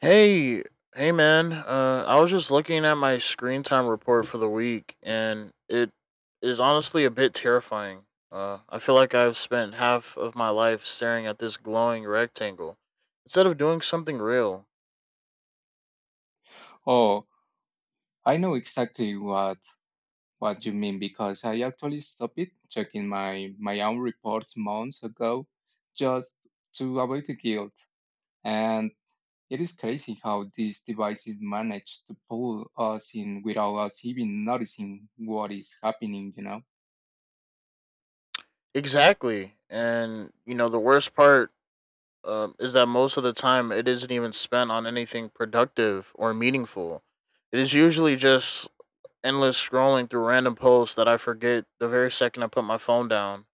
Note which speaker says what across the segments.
Speaker 1: Hey, hey man. I was just looking at my screen time report for the week, and it is honestly a bit terrifying. I feel like I've spent half of my life staring at this glowing rectangle instead of doing something real.
Speaker 2: Oh, I know exactly what you mean because I actually stopped checking my own reports months ago just to avoid the guilt. And it is crazy how these devices manage to pull us in without us even noticing what is happening, you know?
Speaker 1: Exactly. And you know the worst part is that most of the time it isn't even spent on anything productive or meaningful. It is usually just endless scrolling through random posts that I forget the very second I put my phone down.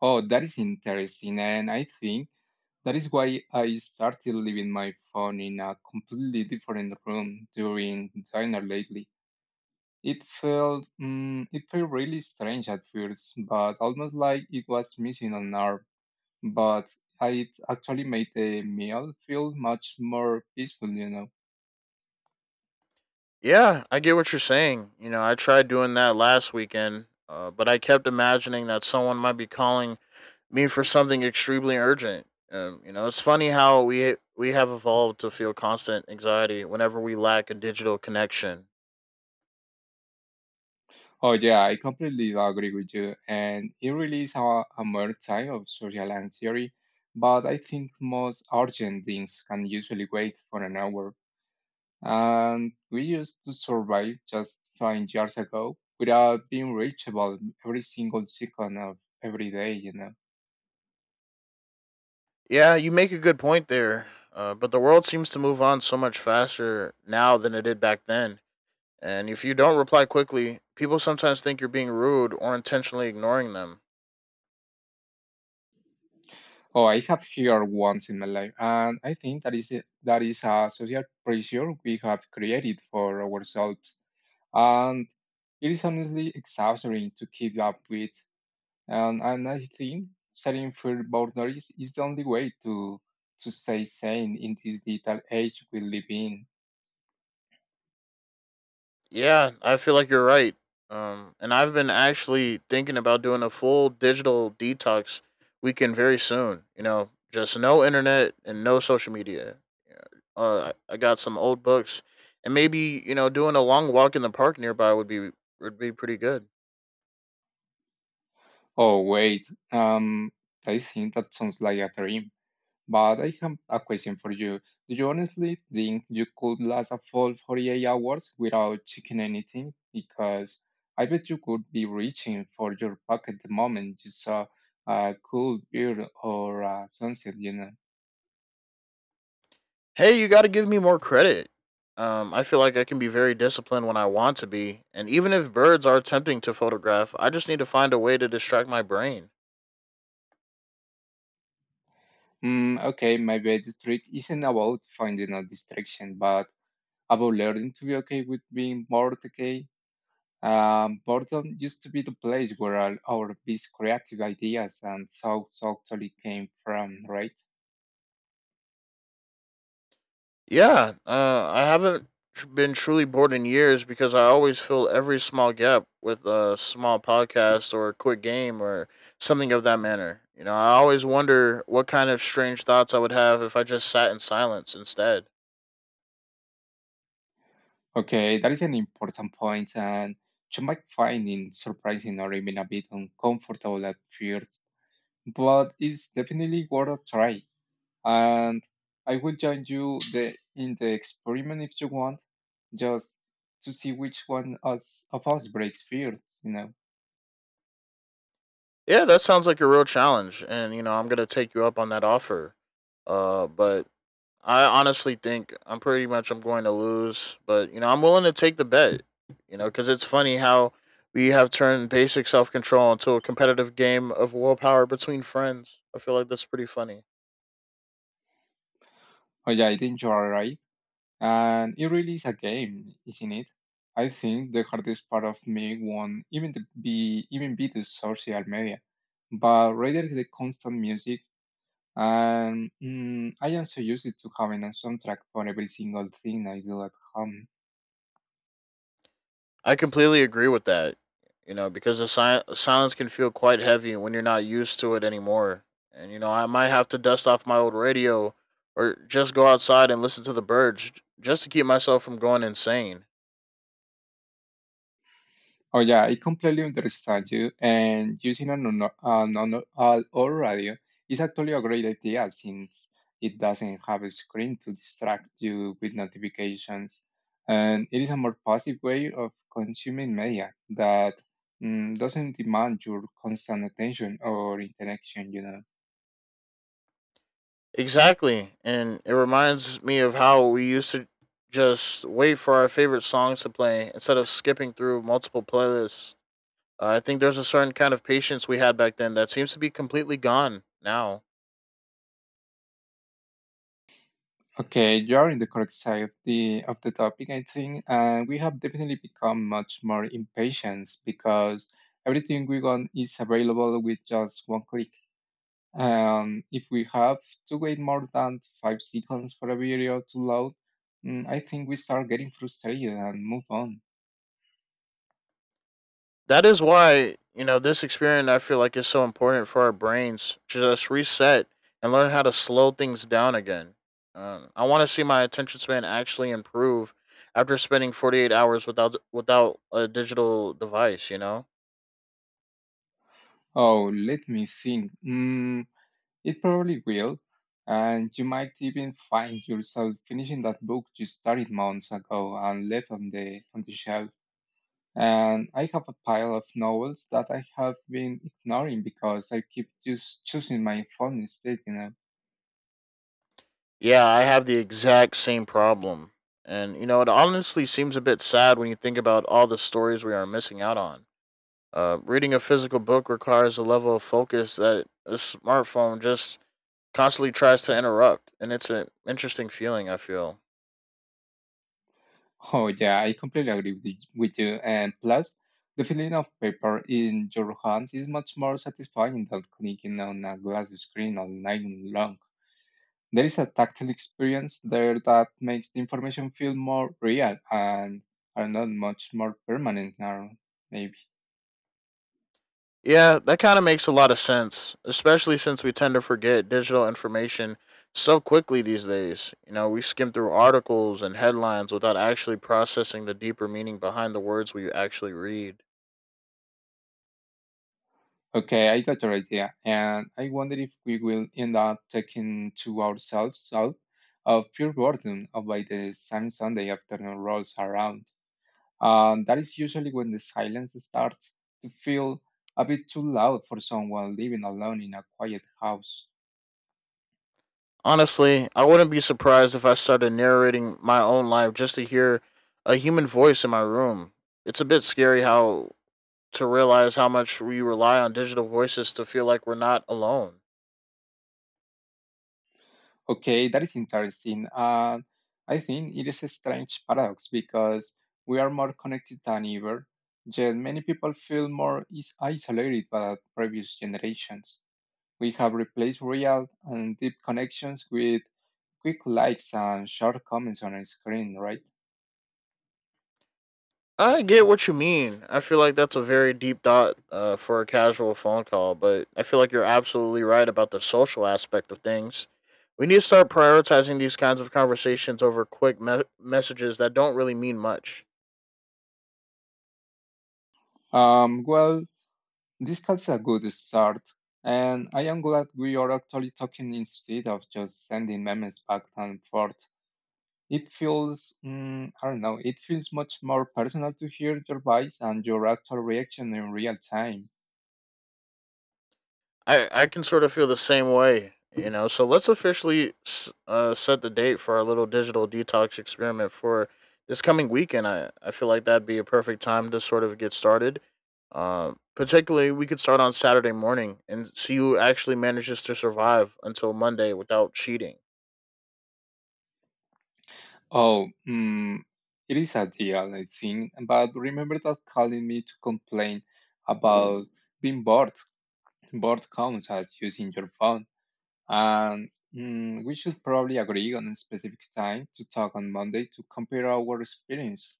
Speaker 2: Oh, that is interesting. And I think that is why I started leaving my phone in a completely different room during dinner lately. It felt it felt really strange at first, but almost like it was missing an arm. But it actually made the meal feel much more peaceful, you know.
Speaker 1: Yeah, I get what you're saying. You know, I tried doing that last weekend, but I kept imagining that someone might be calling me for something extremely urgent. You know, it's funny how we have evolved to feel constant anxiety whenever we lack a digital connection.
Speaker 2: Oh yeah, I completely agree with you, and it really is a mere type of social anxiety. But I think most urgent things can usually wait for an hour. And we used to survive just 5 years ago without being reachable every single second of every day, you know.
Speaker 1: Yeah, you make a good point there. But the world seems to move on so much faster now than it did back then. And if you don't reply quickly, people sometimes think you're being rude or intentionally ignoring them.
Speaker 2: Oh, I have here once in my life, and I think that is a social pressure we have created for ourselves, and it is honestly exhausting to keep up with. And I think setting firm boundaries is the only way to stay sane in this digital age we live in.
Speaker 1: Yeah, I feel like you're right. And I've been actually thinking about doing a full digital detox weekend very soon. You know, just no internet and no social media. Yeah. I got some old books, and maybe, you know, doing a long walk in the park nearby would be pretty good.
Speaker 2: Oh, wait. I think that sounds like a dream. But I have a question for you. Do you honestly think you could last a full 48 hours without checking anything? Because I bet you could be reaching for your pocket the moment you saw a cool beer or a sunset, you know.
Speaker 1: Hey, you got to give me more credit. I feel like I can be very disciplined when I want to be, and even if birds are tempting to photograph, I just need to find a way to distract my brain.
Speaker 2: Okay, my the trick isn't about finding a distraction, but about learning to be okay with being bored, okay? Boredom used to be the place where our best creative ideas and thoughts actually came from, right?
Speaker 1: Yeah, I haven't tr- been truly bored in years because I always fill every small gap with a small podcast or a quick game or something of that manner. You know, I always wonder what kind of strange thoughts I would have if I just sat in silence instead.
Speaker 2: Okay, that is an important point, and you might find it surprising or even a bit uncomfortable at first, but it's definitely worth a try. And I will join you in the experiment if you want, just to see which of us breaks first, you know.
Speaker 1: Yeah, that sounds like a real challenge, and you know, I'm gonna take you up on that offer. But I honestly think I'm pretty much I'm going to lose, but you know I'm willing to take the bet. You know, because it's funny how we have turned basic self control into a competitive game of willpower between friends. I feel like that's pretty funny.
Speaker 2: Oh yeah, I think you are right. And it really is a game, isn't it? I think the hardest part of me won't even be the social media, but rather the constant music. And I am so used to having a soundtrack for every single thing I do at home.
Speaker 1: I completely agree with that. You know, because the silence can feel quite heavy when you're not used to it anymore. And you know, I might have to dust off my old radio or just go outside and listen to the birds just to keep myself from going insane.
Speaker 2: Oh yeah, I completely understand you. And using an all or radio is actually a great idea since it doesn't have a screen to distract you with notifications, and it is a more passive way of consuming media that doesn't demand your constant attention or interaction. You know.
Speaker 1: Exactly. And it reminds me of how we used to just wait for our favorite songs to play instead of skipping through multiple playlists. I think there's a certain kind of patience we had back then that seems to be completely gone now.
Speaker 2: Okay, you're in the correct side of the topic, I think. And we have definitely become much more impatient because everything we want is available with just one click. If we have to wait more than 5 seconds for a video to load, I think we start getting frustrated and move on.
Speaker 1: That is why, you know, this experience I feel like is so important for our brains to just reset and learn how to slow things down again. I want to see my attention span actually improve after spending 48 hours without a digital device, you know?
Speaker 2: Oh, let me think. It probably will. And you might even find yourself finishing that book you started months ago and left on the shelf. And I have a pile of novels that I have been ignoring because I keep just choosing my phone instead, you know.
Speaker 1: Yeah, I have the exact same problem. And, you know, it honestly seems a bit sad when you think about all the stories we are missing out on. Reading a physical book requires a level of focus that a smartphone just constantly tries to interrupt. And it's an interesting feeling, I feel.
Speaker 2: Oh, yeah, I completely agree with you. And plus, the feeling of paper in your hands is much more satisfying than clicking on a glass screen all night long. There is a tactile experience there that makes the information feel more real and are not much more permanent now, maybe.
Speaker 1: Yeah, that kind of makes a lot of sense, especially since we tend to forget digital information so quickly these days. You know, we skim through articles and headlines without actually processing the deeper meaning behind the words we actually read.
Speaker 2: Okay, I got your idea. And I wonder if we will end up taking to ourselves out of pure boredom of by the same Sunday afternoon rolls around. And that is usually when the silence starts to feel a bit too loud for someone living alone in a quiet house.
Speaker 1: Honestly, I wouldn't be surprised if I started narrating my own life just to hear a human voice in my room. It's a bit scary how to realize how much we rely on digital voices to feel like we're not alone.
Speaker 2: Okay, that is interesting. And I think it is a strange paradox because we are more connected than ever, yet many people feel more is isolated by previous generations. We have replaced real and deep connections with quick likes and short comments on a screen, right?
Speaker 1: I get what you mean. I feel like that's a very deep thought for a casual phone call, but I feel like you're absolutely right about the social aspect of things. We need to start prioritizing these kinds of conversations over quick messages that don't really mean much.
Speaker 2: Well, this calls a good start. And I am glad we are actually talking instead of just sending memes back and forth. It feels, I don't know, it feels much more personal to hear your voice and your actual reaction in real time.
Speaker 1: I can sort of feel the same way, you know. So let's officially set the date for our little digital detox experiment for this coming weekend. I feel like that'd be a perfect time to sort of get started. Particularly, we could start on Saturday morning and see who actually manages to survive until Monday without cheating.
Speaker 2: Oh, it is a deal, I think. But remember that calling me to complain about being bored both counts as using your phone. And we should probably agree on a specific time to talk on Monday to compare our experience.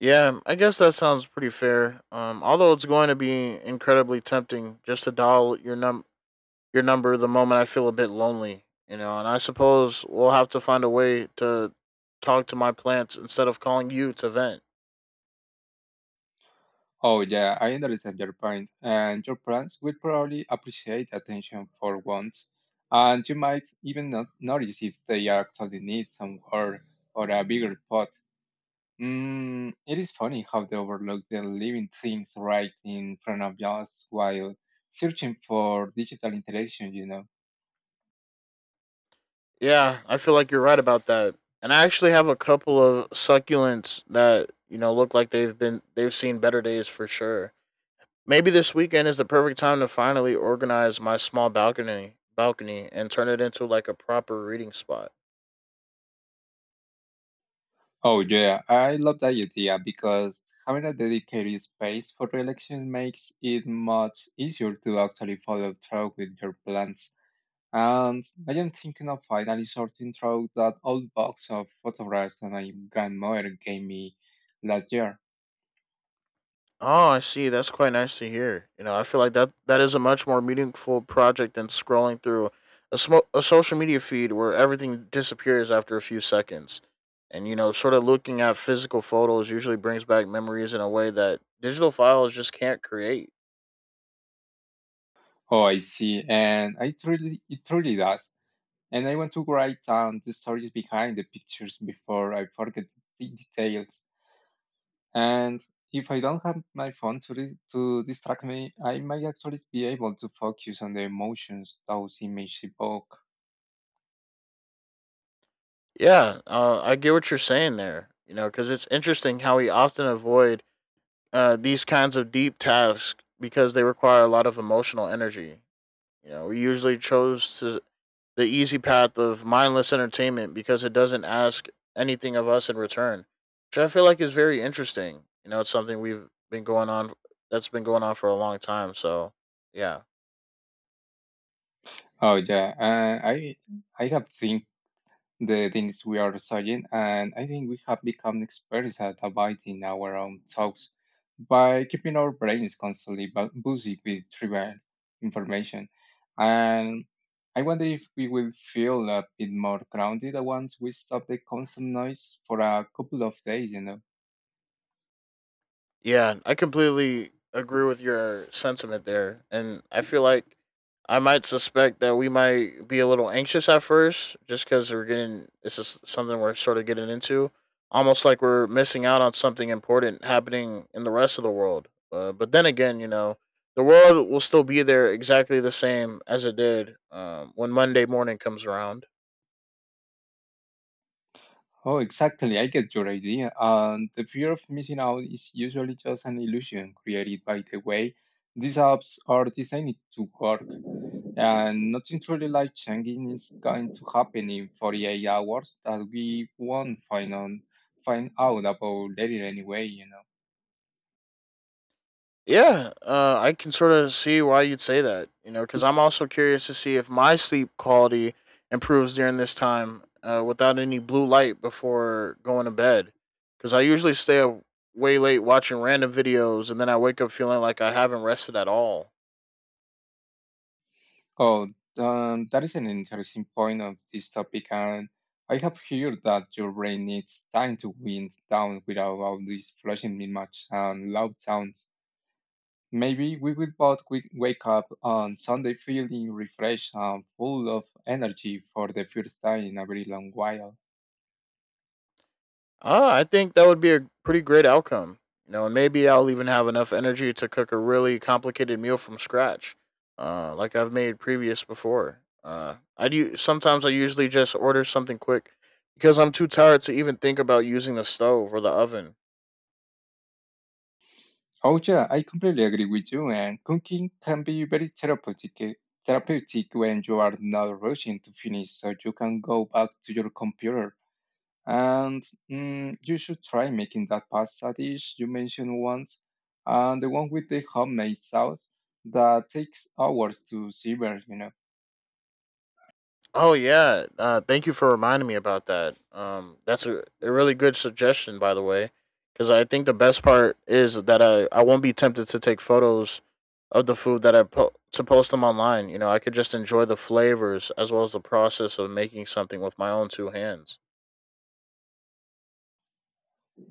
Speaker 1: Yeah, I guess that sounds pretty fair. Although it's going to be incredibly tempting just to dial your number the moment I feel a bit lonely, you know, and I suppose we'll have to find a way to talk to my plants instead of calling you to vent.
Speaker 2: Oh, yeah, I understand your point, and your parents will probably appreciate attention for once. And you might even not notice if they actually need some work or a bigger pot. It is funny how they overlook the living things right in front of us while searching for digital interaction, you know.
Speaker 1: Yeah, I feel like you're right about that. And I actually have a couple of succulents that, you know, look like they've seen better days for sure. Maybe this weekend is the perfect time to finally organize my small balcony and turn it into like a proper reading spot.
Speaker 2: Oh yeah, I love that idea because having a dedicated space for election makes it much easier to actually follow through with your plans. And I am thinking of finally sorting through that old box of photographs that my grandmother gave me last year.
Speaker 1: Oh, I see. That's quite nice to hear. You know, I feel like that is a much more meaningful project than scrolling through a social media feed where everything disappears after a few seconds. And you know, sort of looking at physical photos usually brings back memories in a way that digital files just can't create.
Speaker 2: Oh, I see, and I truly it truly does. And I want to write down the stories behind the pictures before I forget the details. And if I don't have my phone to distract me, I might actually be able to focus on the emotions those images evoke.
Speaker 1: Yeah, I get what you're saying there. You know, because it's interesting how we often avoid these kinds of deep tasks because they require a lot of emotional energy. You know, we usually chose to the easy path of mindless entertainment because it doesn't ask anything of us in return, which I feel like is very interesting. You know, it's something we've been going on that's been going on for a long time. So yeah.
Speaker 2: Oh yeah, I have think the things we are studying, and I think we have become experts at avoiding our own thoughts by keeping our brains constantly busy with trivial information. And I wonder if we will feel a bit more grounded once we stop the constant noise for a couple of days, you know.
Speaker 1: Yeah, I completely agree with your sentiment there. And I feel like I might suspect that we might be a little anxious at first just because we're getting, this is something we're sort of getting into, almost like we're missing out on something important happening in the rest of the world. But then again, you know, the world will still be there exactly the same as it did when Monday morning comes around.
Speaker 2: Oh, exactly. I get your idea. And the fear of missing out is usually just an illusion created by the way these apps are designed to work. And nothing truly life changing is going to happen in 48 hours that we won't find out about later anyway, you know.
Speaker 1: Yeah, I can sort of see why you'd say that, you know, because I'm also curious to see if my sleep quality improves during this time without any blue light before going to bed. Because I usually stay up way late watching random videos and then I wake up feeling like I haven't rested at all.
Speaker 2: Oh, that is an interesting point of this topic. And I have heard that your brain needs time to wind down without all these flashing images and loud sounds. Maybe we will both wake up on Sunday feeling refreshed and full of energy for the first time in a very long while.
Speaker 1: I think that would be a pretty great outcome. You know, and maybe I'll even have enough energy to cook a really complicated meal from scratch, like I've made previous before. I do sometimes I usually just order something quick because I'm too tired to even think about using the stove or the oven.
Speaker 2: Oh yeah, I completely agree with you. And cooking can be very therapeutic when you are not rushing to finish, so you can go back to your computer. And you should try making that pasta dish you mentioned once, and the one with the homemade sauce that takes hours to simmer. You know.
Speaker 1: Oh yeah, thank you for reminding me about that. That's a really good suggestion, by the way, because I think the best part is that I won't be tempted to take photos of the food to post them online. You know, I could just enjoy the flavors as well as the process of making something with my own two hands.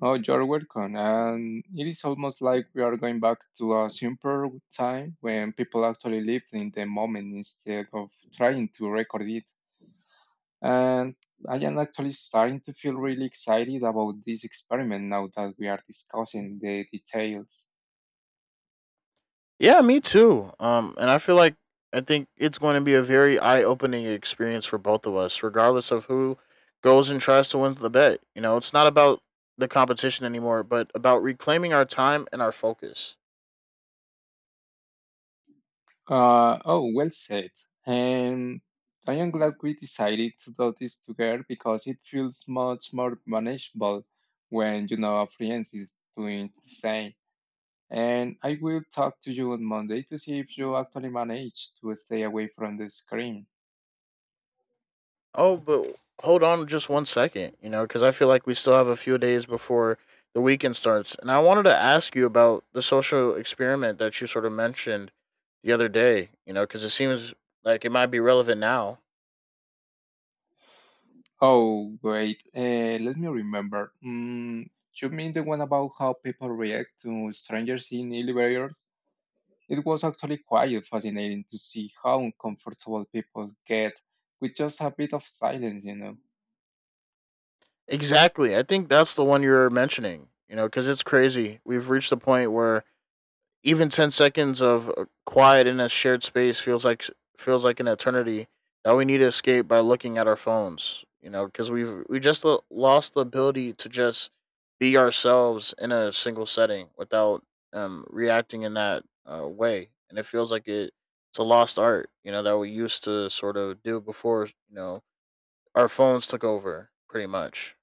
Speaker 2: Oh, you're welcome. And it is almost like we are going back to a simpler time when people actually lived in the moment instead of trying to record it. And I am actually starting to feel really excited about this experiment now that we are discussing the details.
Speaker 1: Yeah, me too. And I feel like I think it's going to be a very eye-opening experience for both of us, regardless of who goes and tries to win the bet. You know, it's not about the competition anymore, but about reclaiming our time and our focus.
Speaker 2: Oh, well said. And I am glad we decided to do this together because it feels much more manageable when you know a friend is doing the same. And I will talk to you on Monday to see if you actually manage to stay away from the screen.
Speaker 1: Oh, but hold on just 1 second, you know, because I feel like we still have a few days before the weekend starts. And I wanted to ask you about the social experiment that you sort of mentioned the other day, you know, because it seems like it might be relevant now.
Speaker 2: Oh, wait, let me remember. You mean the one about how people react to strangers in elevators? It was actually quite fascinating to see how uncomfortable people get with just a bit of silence, you know.
Speaker 1: Exactly. I think that's the one you are mentioning, you know, because it's crazy. We've reached the point where even 10 seconds of quiet in a shared space feels like an eternity that we need to escape by looking at our phones, you know, because we just lost the ability to just be ourselves in a single setting without reacting in that way. And it feels like it's a lost art, you know, that we used to sort of do before, you know, our phones took over pretty much.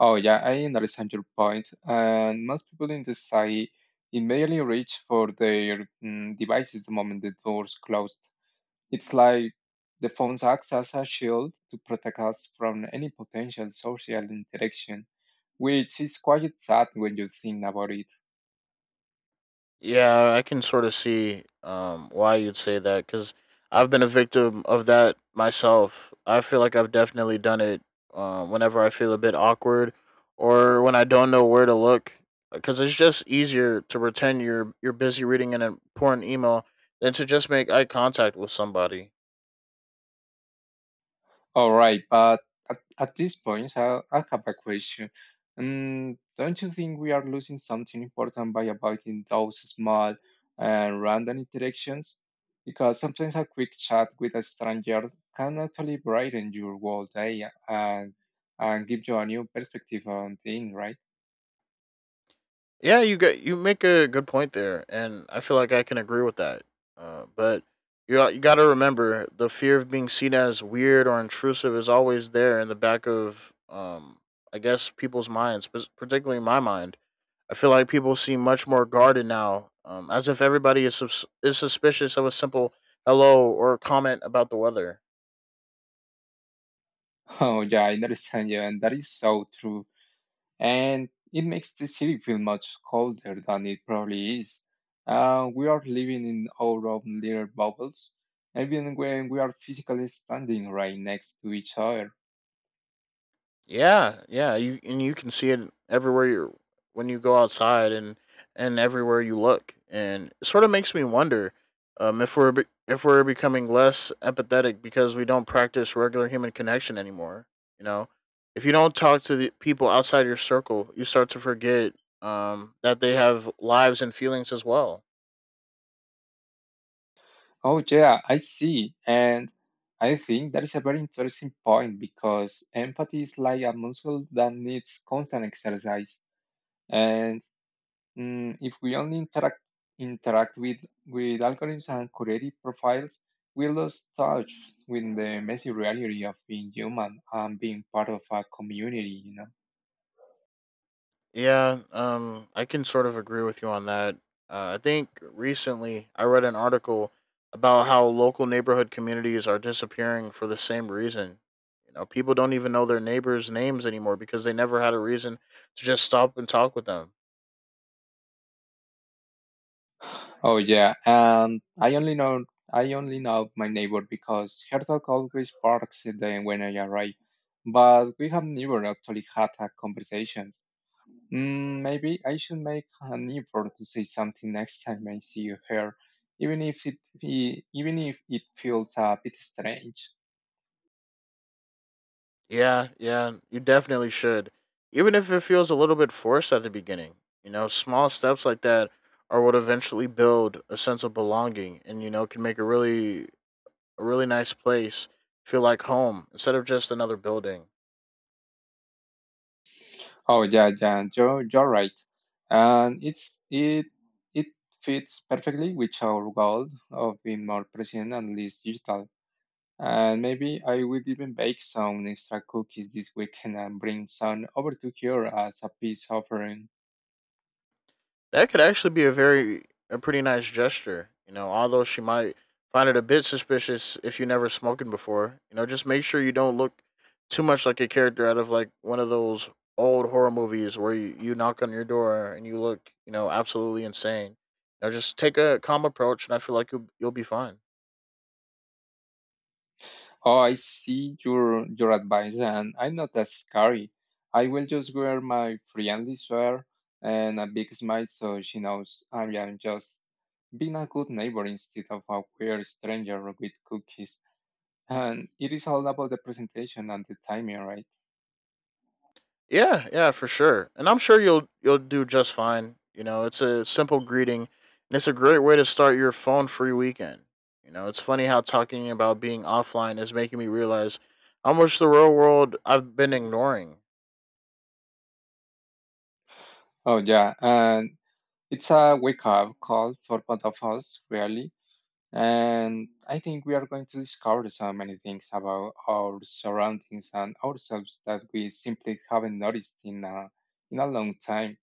Speaker 2: Oh, yeah, I understand your point. And most people in the society immediately reach for their devices the moment the doors close. It's like the phones acts as a shield to protect us from any potential social interaction, which is quite sad when you think about it.
Speaker 1: Yeah, I can sort of see why you'd say that because I've been a victim of that myself. I feel like I've definitely done it whenever I feel a bit awkward or when I don't know where to look because it's just easier to pretend you're busy reading an important email than to just make eye contact with somebody.
Speaker 2: All right, but at this point, I have a question. Don't you think we are losing something important by avoiding those small and random interactions? Because sometimes a quick chat with a stranger can actually brighten your whole day and give you a new perspective on things, right?
Speaker 1: Yeah, you get you make a good point there, and I feel like I can agree with that. But you got to remember the fear of being seen as weird or intrusive is always there in the back of I guess people's minds, particularly my mind. I feel like people seem much more guarded now, as if everybody is suspicious of a simple hello or comment about the weather.
Speaker 2: Oh, yeah, I understand you, and that is so true. And it makes the city feel much colder than it probably is. We are living in our own little bubbles, even when we are physically standing right next to each other.
Speaker 1: Yeah, yeah, you and you can see it everywhere you're when you go outside and everywhere you look, and it sort of makes me wonder if if we're becoming less empathetic because we don't practice regular human connection anymore. You know, if you don't talk to the people outside your circle, you start to forget that they have lives and feelings as well.
Speaker 2: Oh, yeah, I see. And I think that is a very interesting point because empathy is like a muscle that needs constant exercise. And if we only interact with algorithms and curated profiles, we lose touch with the messy reality of being human and being part of a community. You know.
Speaker 1: Yeah, I can sort of agree with you on that. I think recently I read an article about how local neighborhood communities are disappearing for the same reason. You know, people don't even know their neighbors' names anymore because they never had a reason to just stop and talk with them.
Speaker 2: Oh yeah, and I only know my neighbor because her dog always barks at the when I arrive, but we have never actually had a conversation. Mm, maybe I should make an effort to say something next time I see you here, even if even if it feels a bit strange.
Speaker 1: Yeah, yeah, you definitely should. Even if it feels a little bit forced at the beginning, you know, small steps like that are what eventually build a sense of belonging and, you know, can make a really nice place, feel like home instead of just another building.
Speaker 2: Oh yeah, yeah, you're right, and it fits perfectly with our goal of being more present and less digital. And maybe I will even bake some extra cookies this weekend and bring some over to here as a peace offering.
Speaker 1: That could actually be a pretty nice gesture, you know, although she might find it a bit suspicious if you never smoking before. You know, just make sure you don't look too much like a character out of like one of those old horror movies where you knock on your door and you look, you know, absolutely insane. You know, just take a calm approach and I feel like you'll be fine.
Speaker 2: Oh, I see your advice, and I'm not as scary. I will just wear my friendly sweater and a big smile so she knows I am just being a good neighbor instead of a weird stranger with cookies. And it is all about the presentation and the timing, right?
Speaker 1: Yeah, yeah, for sure. And I'm sure you'll do just fine. You know, it's a simple greeting and it's a great way to start your phone free weekend. You know, it's funny how talking about being offline is making me realize how much the real world I've been ignoring.
Speaker 2: Oh yeah, and it's a wake up call for both of us, really. And I think we are going to discover so many things about our surroundings and ourselves that we simply haven't noticed in in a long time.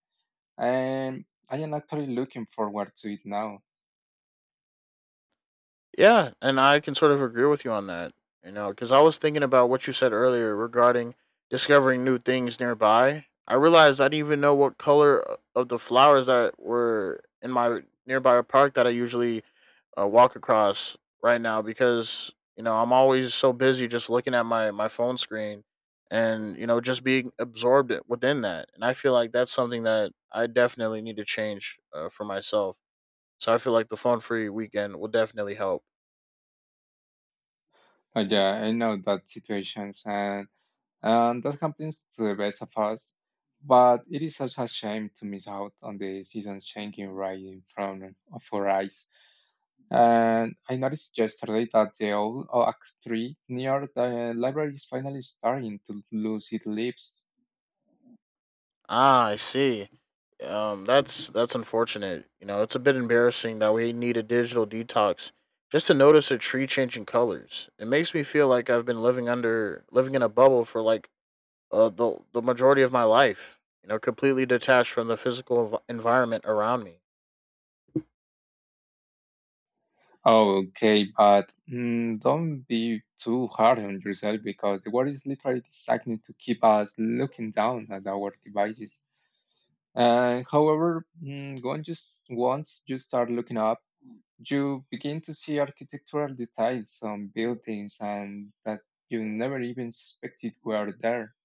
Speaker 2: And I am actually looking forward to it now.
Speaker 1: Yeah, and I can sort of agree with you on that. You know, because I was thinking about what you said earlier regarding discovering new things nearby. I realized I didn't even know what color of the flowers that were in my nearby park that I usually walk across right now because you know I'm always so busy just looking at my phone screen and you know just being absorbed within that. And I feel like that's something that I definitely need to change for myself. So I feel like the phone free weekend will definitely help.
Speaker 2: Yeah, I know that situations and that happens to the best of us. But it is such a shame to miss out on the seasons changing right in front of our eyes. And I noticed yesterday that the old oak tree near the library is finally starting to lose its leaves.
Speaker 1: Ah, I see. That's unfortunate. You know, it's a bit embarrassing that we need a digital detox just to notice a tree changing colors. It makes me feel like I've been living in a bubble for like the majority of my life. You know, completely detached from the physical environment around me.
Speaker 2: Okay, but mm, don't be too hard on yourself because the world is literally designed to keep us looking down at our devices. And however, once once you start looking up, you begin to see architectural details on buildings and that you never even suspected were there.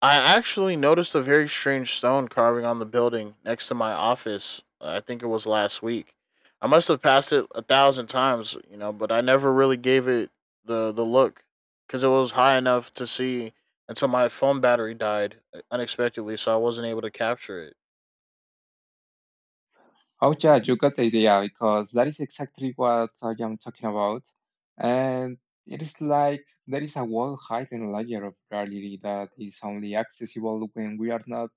Speaker 1: I actually noticed a very strange stone carving on the building next to my office. I think it was last week. I must have passed it a thousand times, you know, but I never really gave it the look because it was high enough to see until my phone battery died unexpectedly, so I wasn't able to capture it.
Speaker 2: Oh, yeah, you got the idea because that is exactly what I am talking about. And it is like there is a whole hidden layer of reality that is only accessible when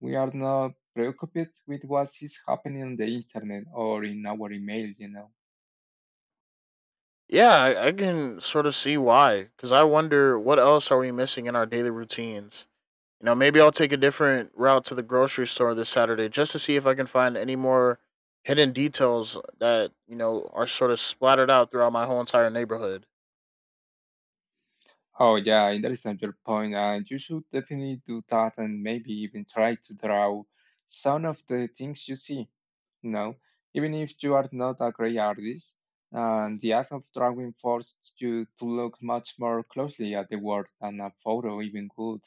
Speaker 2: we are not preoccupied with what is happening on the internet or in our emails.
Speaker 1: Yeah, I can sort of see why because I wonder what else are we missing in our daily routines. You know, maybe I'll take a different route to the grocery store this Saturday just to see if I can find any more hidden details that, you know, are sort of splattered out throughout my whole entire neighborhood.
Speaker 2: Oh yeah, and that is another point, and you should definitely do that and maybe even try to draw some of the things you see. No, even if you are not a great artist, and the act of drawing forced you to look much more closely at the world than a photo even could.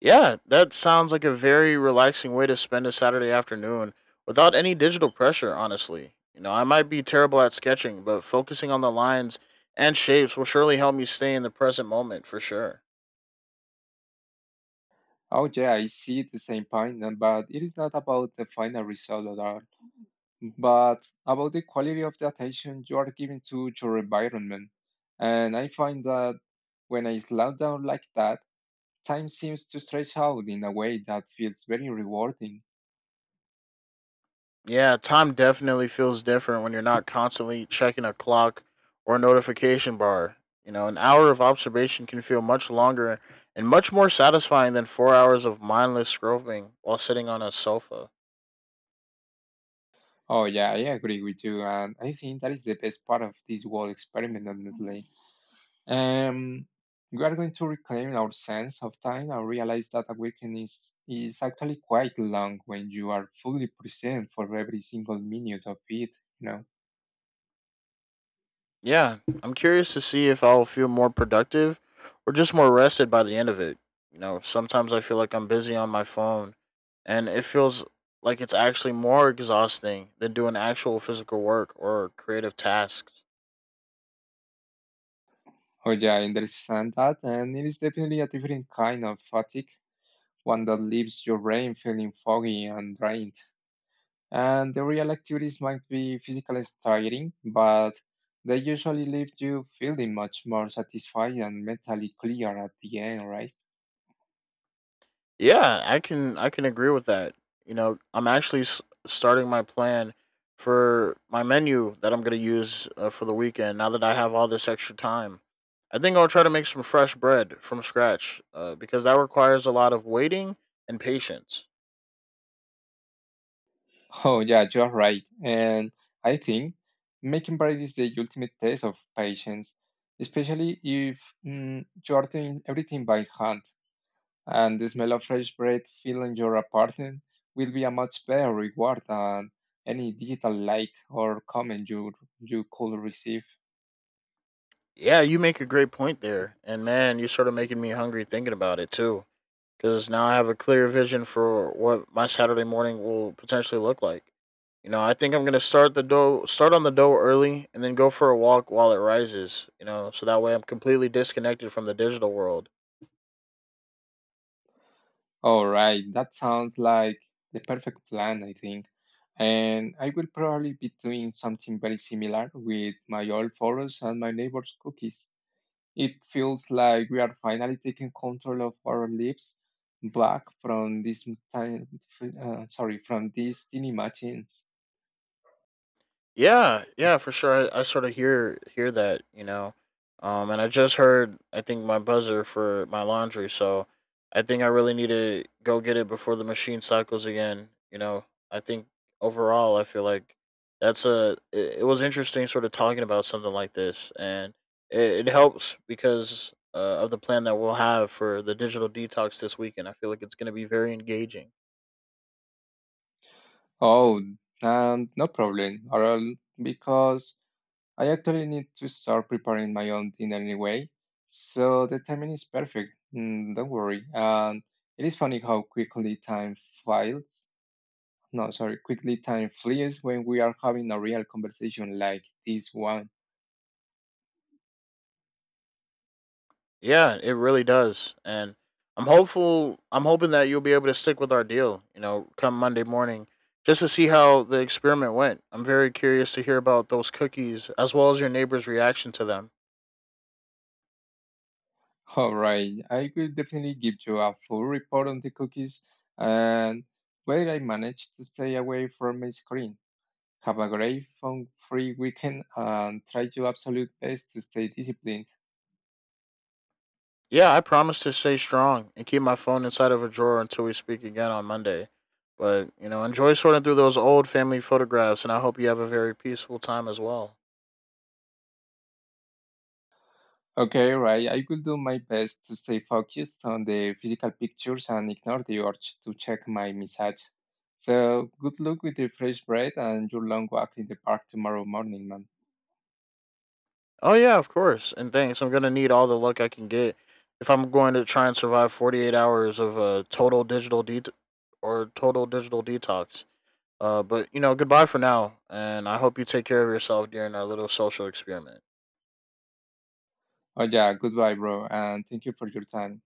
Speaker 1: Yeah, that sounds like a very relaxing way to spend a Saturday afternoon without any digital pressure, honestly. You know, I might be terrible at sketching, but focusing on the lines and shapes will surely help me stay in the present moment for sure.
Speaker 2: Oh yeah, I see the same point, but it is not about the final result at all, but about the quality of the attention you are giving to your environment. And I find that when I slow down like that, time seems to stretch out in a way that feels very rewarding.
Speaker 1: Yeah, time definitely feels different when you're not constantly checking a clock or notification bar. You know, an hour of observation can feel much longer and much more satisfying than 4 hours of mindless scrolling while sitting on a sofa.
Speaker 2: Oh, yeah, I agree with you. And I think that is the best part of this whole experiment, honestly. Um, we are going to reclaim our sense of time and realize that awakening is actually quite long when you are fully present for every single minute of it, you know.
Speaker 1: Yeah, I'm curious to see if I'll feel more productive or just more rested by the end of it. You know, sometimes I feel like I'm busy on my phone and it feels like it's actually more exhausting than doing actual physical work or creative tasks.
Speaker 2: Oh, yeah, I understand that. And it is definitely a different kind of fatigue, one that leaves your brain feeling foggy and drained. And the real activities might be physically tiring, but they usually leave you feeling much more satisfied and mentally clear at the end, right?
Speaker 1: Yeah, I can agree with that. You know, I'm actually starting my plan for my menu that I'm going to use for the weekend now that I have all this extra time. I think I'll try to make some fresh bread from scratch because that requires a lot of waiting and patience.
Speaker 2: Oh, yeah, you're right. And I think making bread is the ultimate test of patience, especially if you are doing everything by hand. And the smell of fresh bread filling your apartment will be a much better reward than any digital like or comment you could receive.
Speaker 1: Yeah, you make a great point there. And man, you're sort of making me hungry thinking about it too, because now I have a clear vision for what my Saturday morning will potentially look like. You know, I think I'm gonna start on the dough early, and then go for a walk while it rises. You know, so that way I'm completely disconnected from the digital world.
Speaker 2: All right, that sounds like the perfect plan, I think. And I will probably be doing something very similar with my old photos and my neighbor's cookies. It feels like we are finally taking control of our lives back from this m- time, sorry, from these tiny machines.
Speaker 1: Yeah, yeah, for sure. I sort of hear that, you know. And I just heard I think my buzzer for my laundry, so I think I really need to go get it before the machine cycles again. You know, I think overall I feel like it was interesting sort of talking about something like this, and it helps because of the plan that we'll have for the digital detox this weekend. I feel like it's going to be very engaging.
Speaker 2: Oh, no problem, Oral, because I actually need to start preparing my own dinner anyway, so the timing is perfect. Mm, don't worry. And it is funny how quickly time files. No, sorry, quickly time flies when we are having a real conversation like this one.
Speaker 1: Yeah, it really does. And I'm hoping that you'll be able to stick with our deal, you know, come Monday morning just to see how the experiment went. I'm very curious to hear about those cookies as well as your neighbor's reaction to them.
Speaker 2: All right, I will definitely give you a full report on the cookies and whether I manage to stay away from my screen. Have a great phone-free weekend and try your absolute best to stay disciplined.
Speaker 1: Yeah, I promise to stay strong and keep my phone inside of a drawer until we speak again on Monday. But, you know, enjoy sorting through those old family photographs and I hope you have a very peaceful time as well.
Speaker 2: Okay, right. I will do my best to stay focused on the physical pictures and ignore the urge to check my message. So, good luck with the fresh bread and your long walk in the park tomorrow morning, man.
Speaker 1: Oh yeah, of course. And thanks. I'm gonna need all the luck I can get if I'm going to try and survive 48 hours of total digital det or total digital detox. But you know, goodbye for now, and I hope you take care of yourself during our little social experiment.
Speaker 2: Oh, yeah, goodbye, bro, and thank you for your time.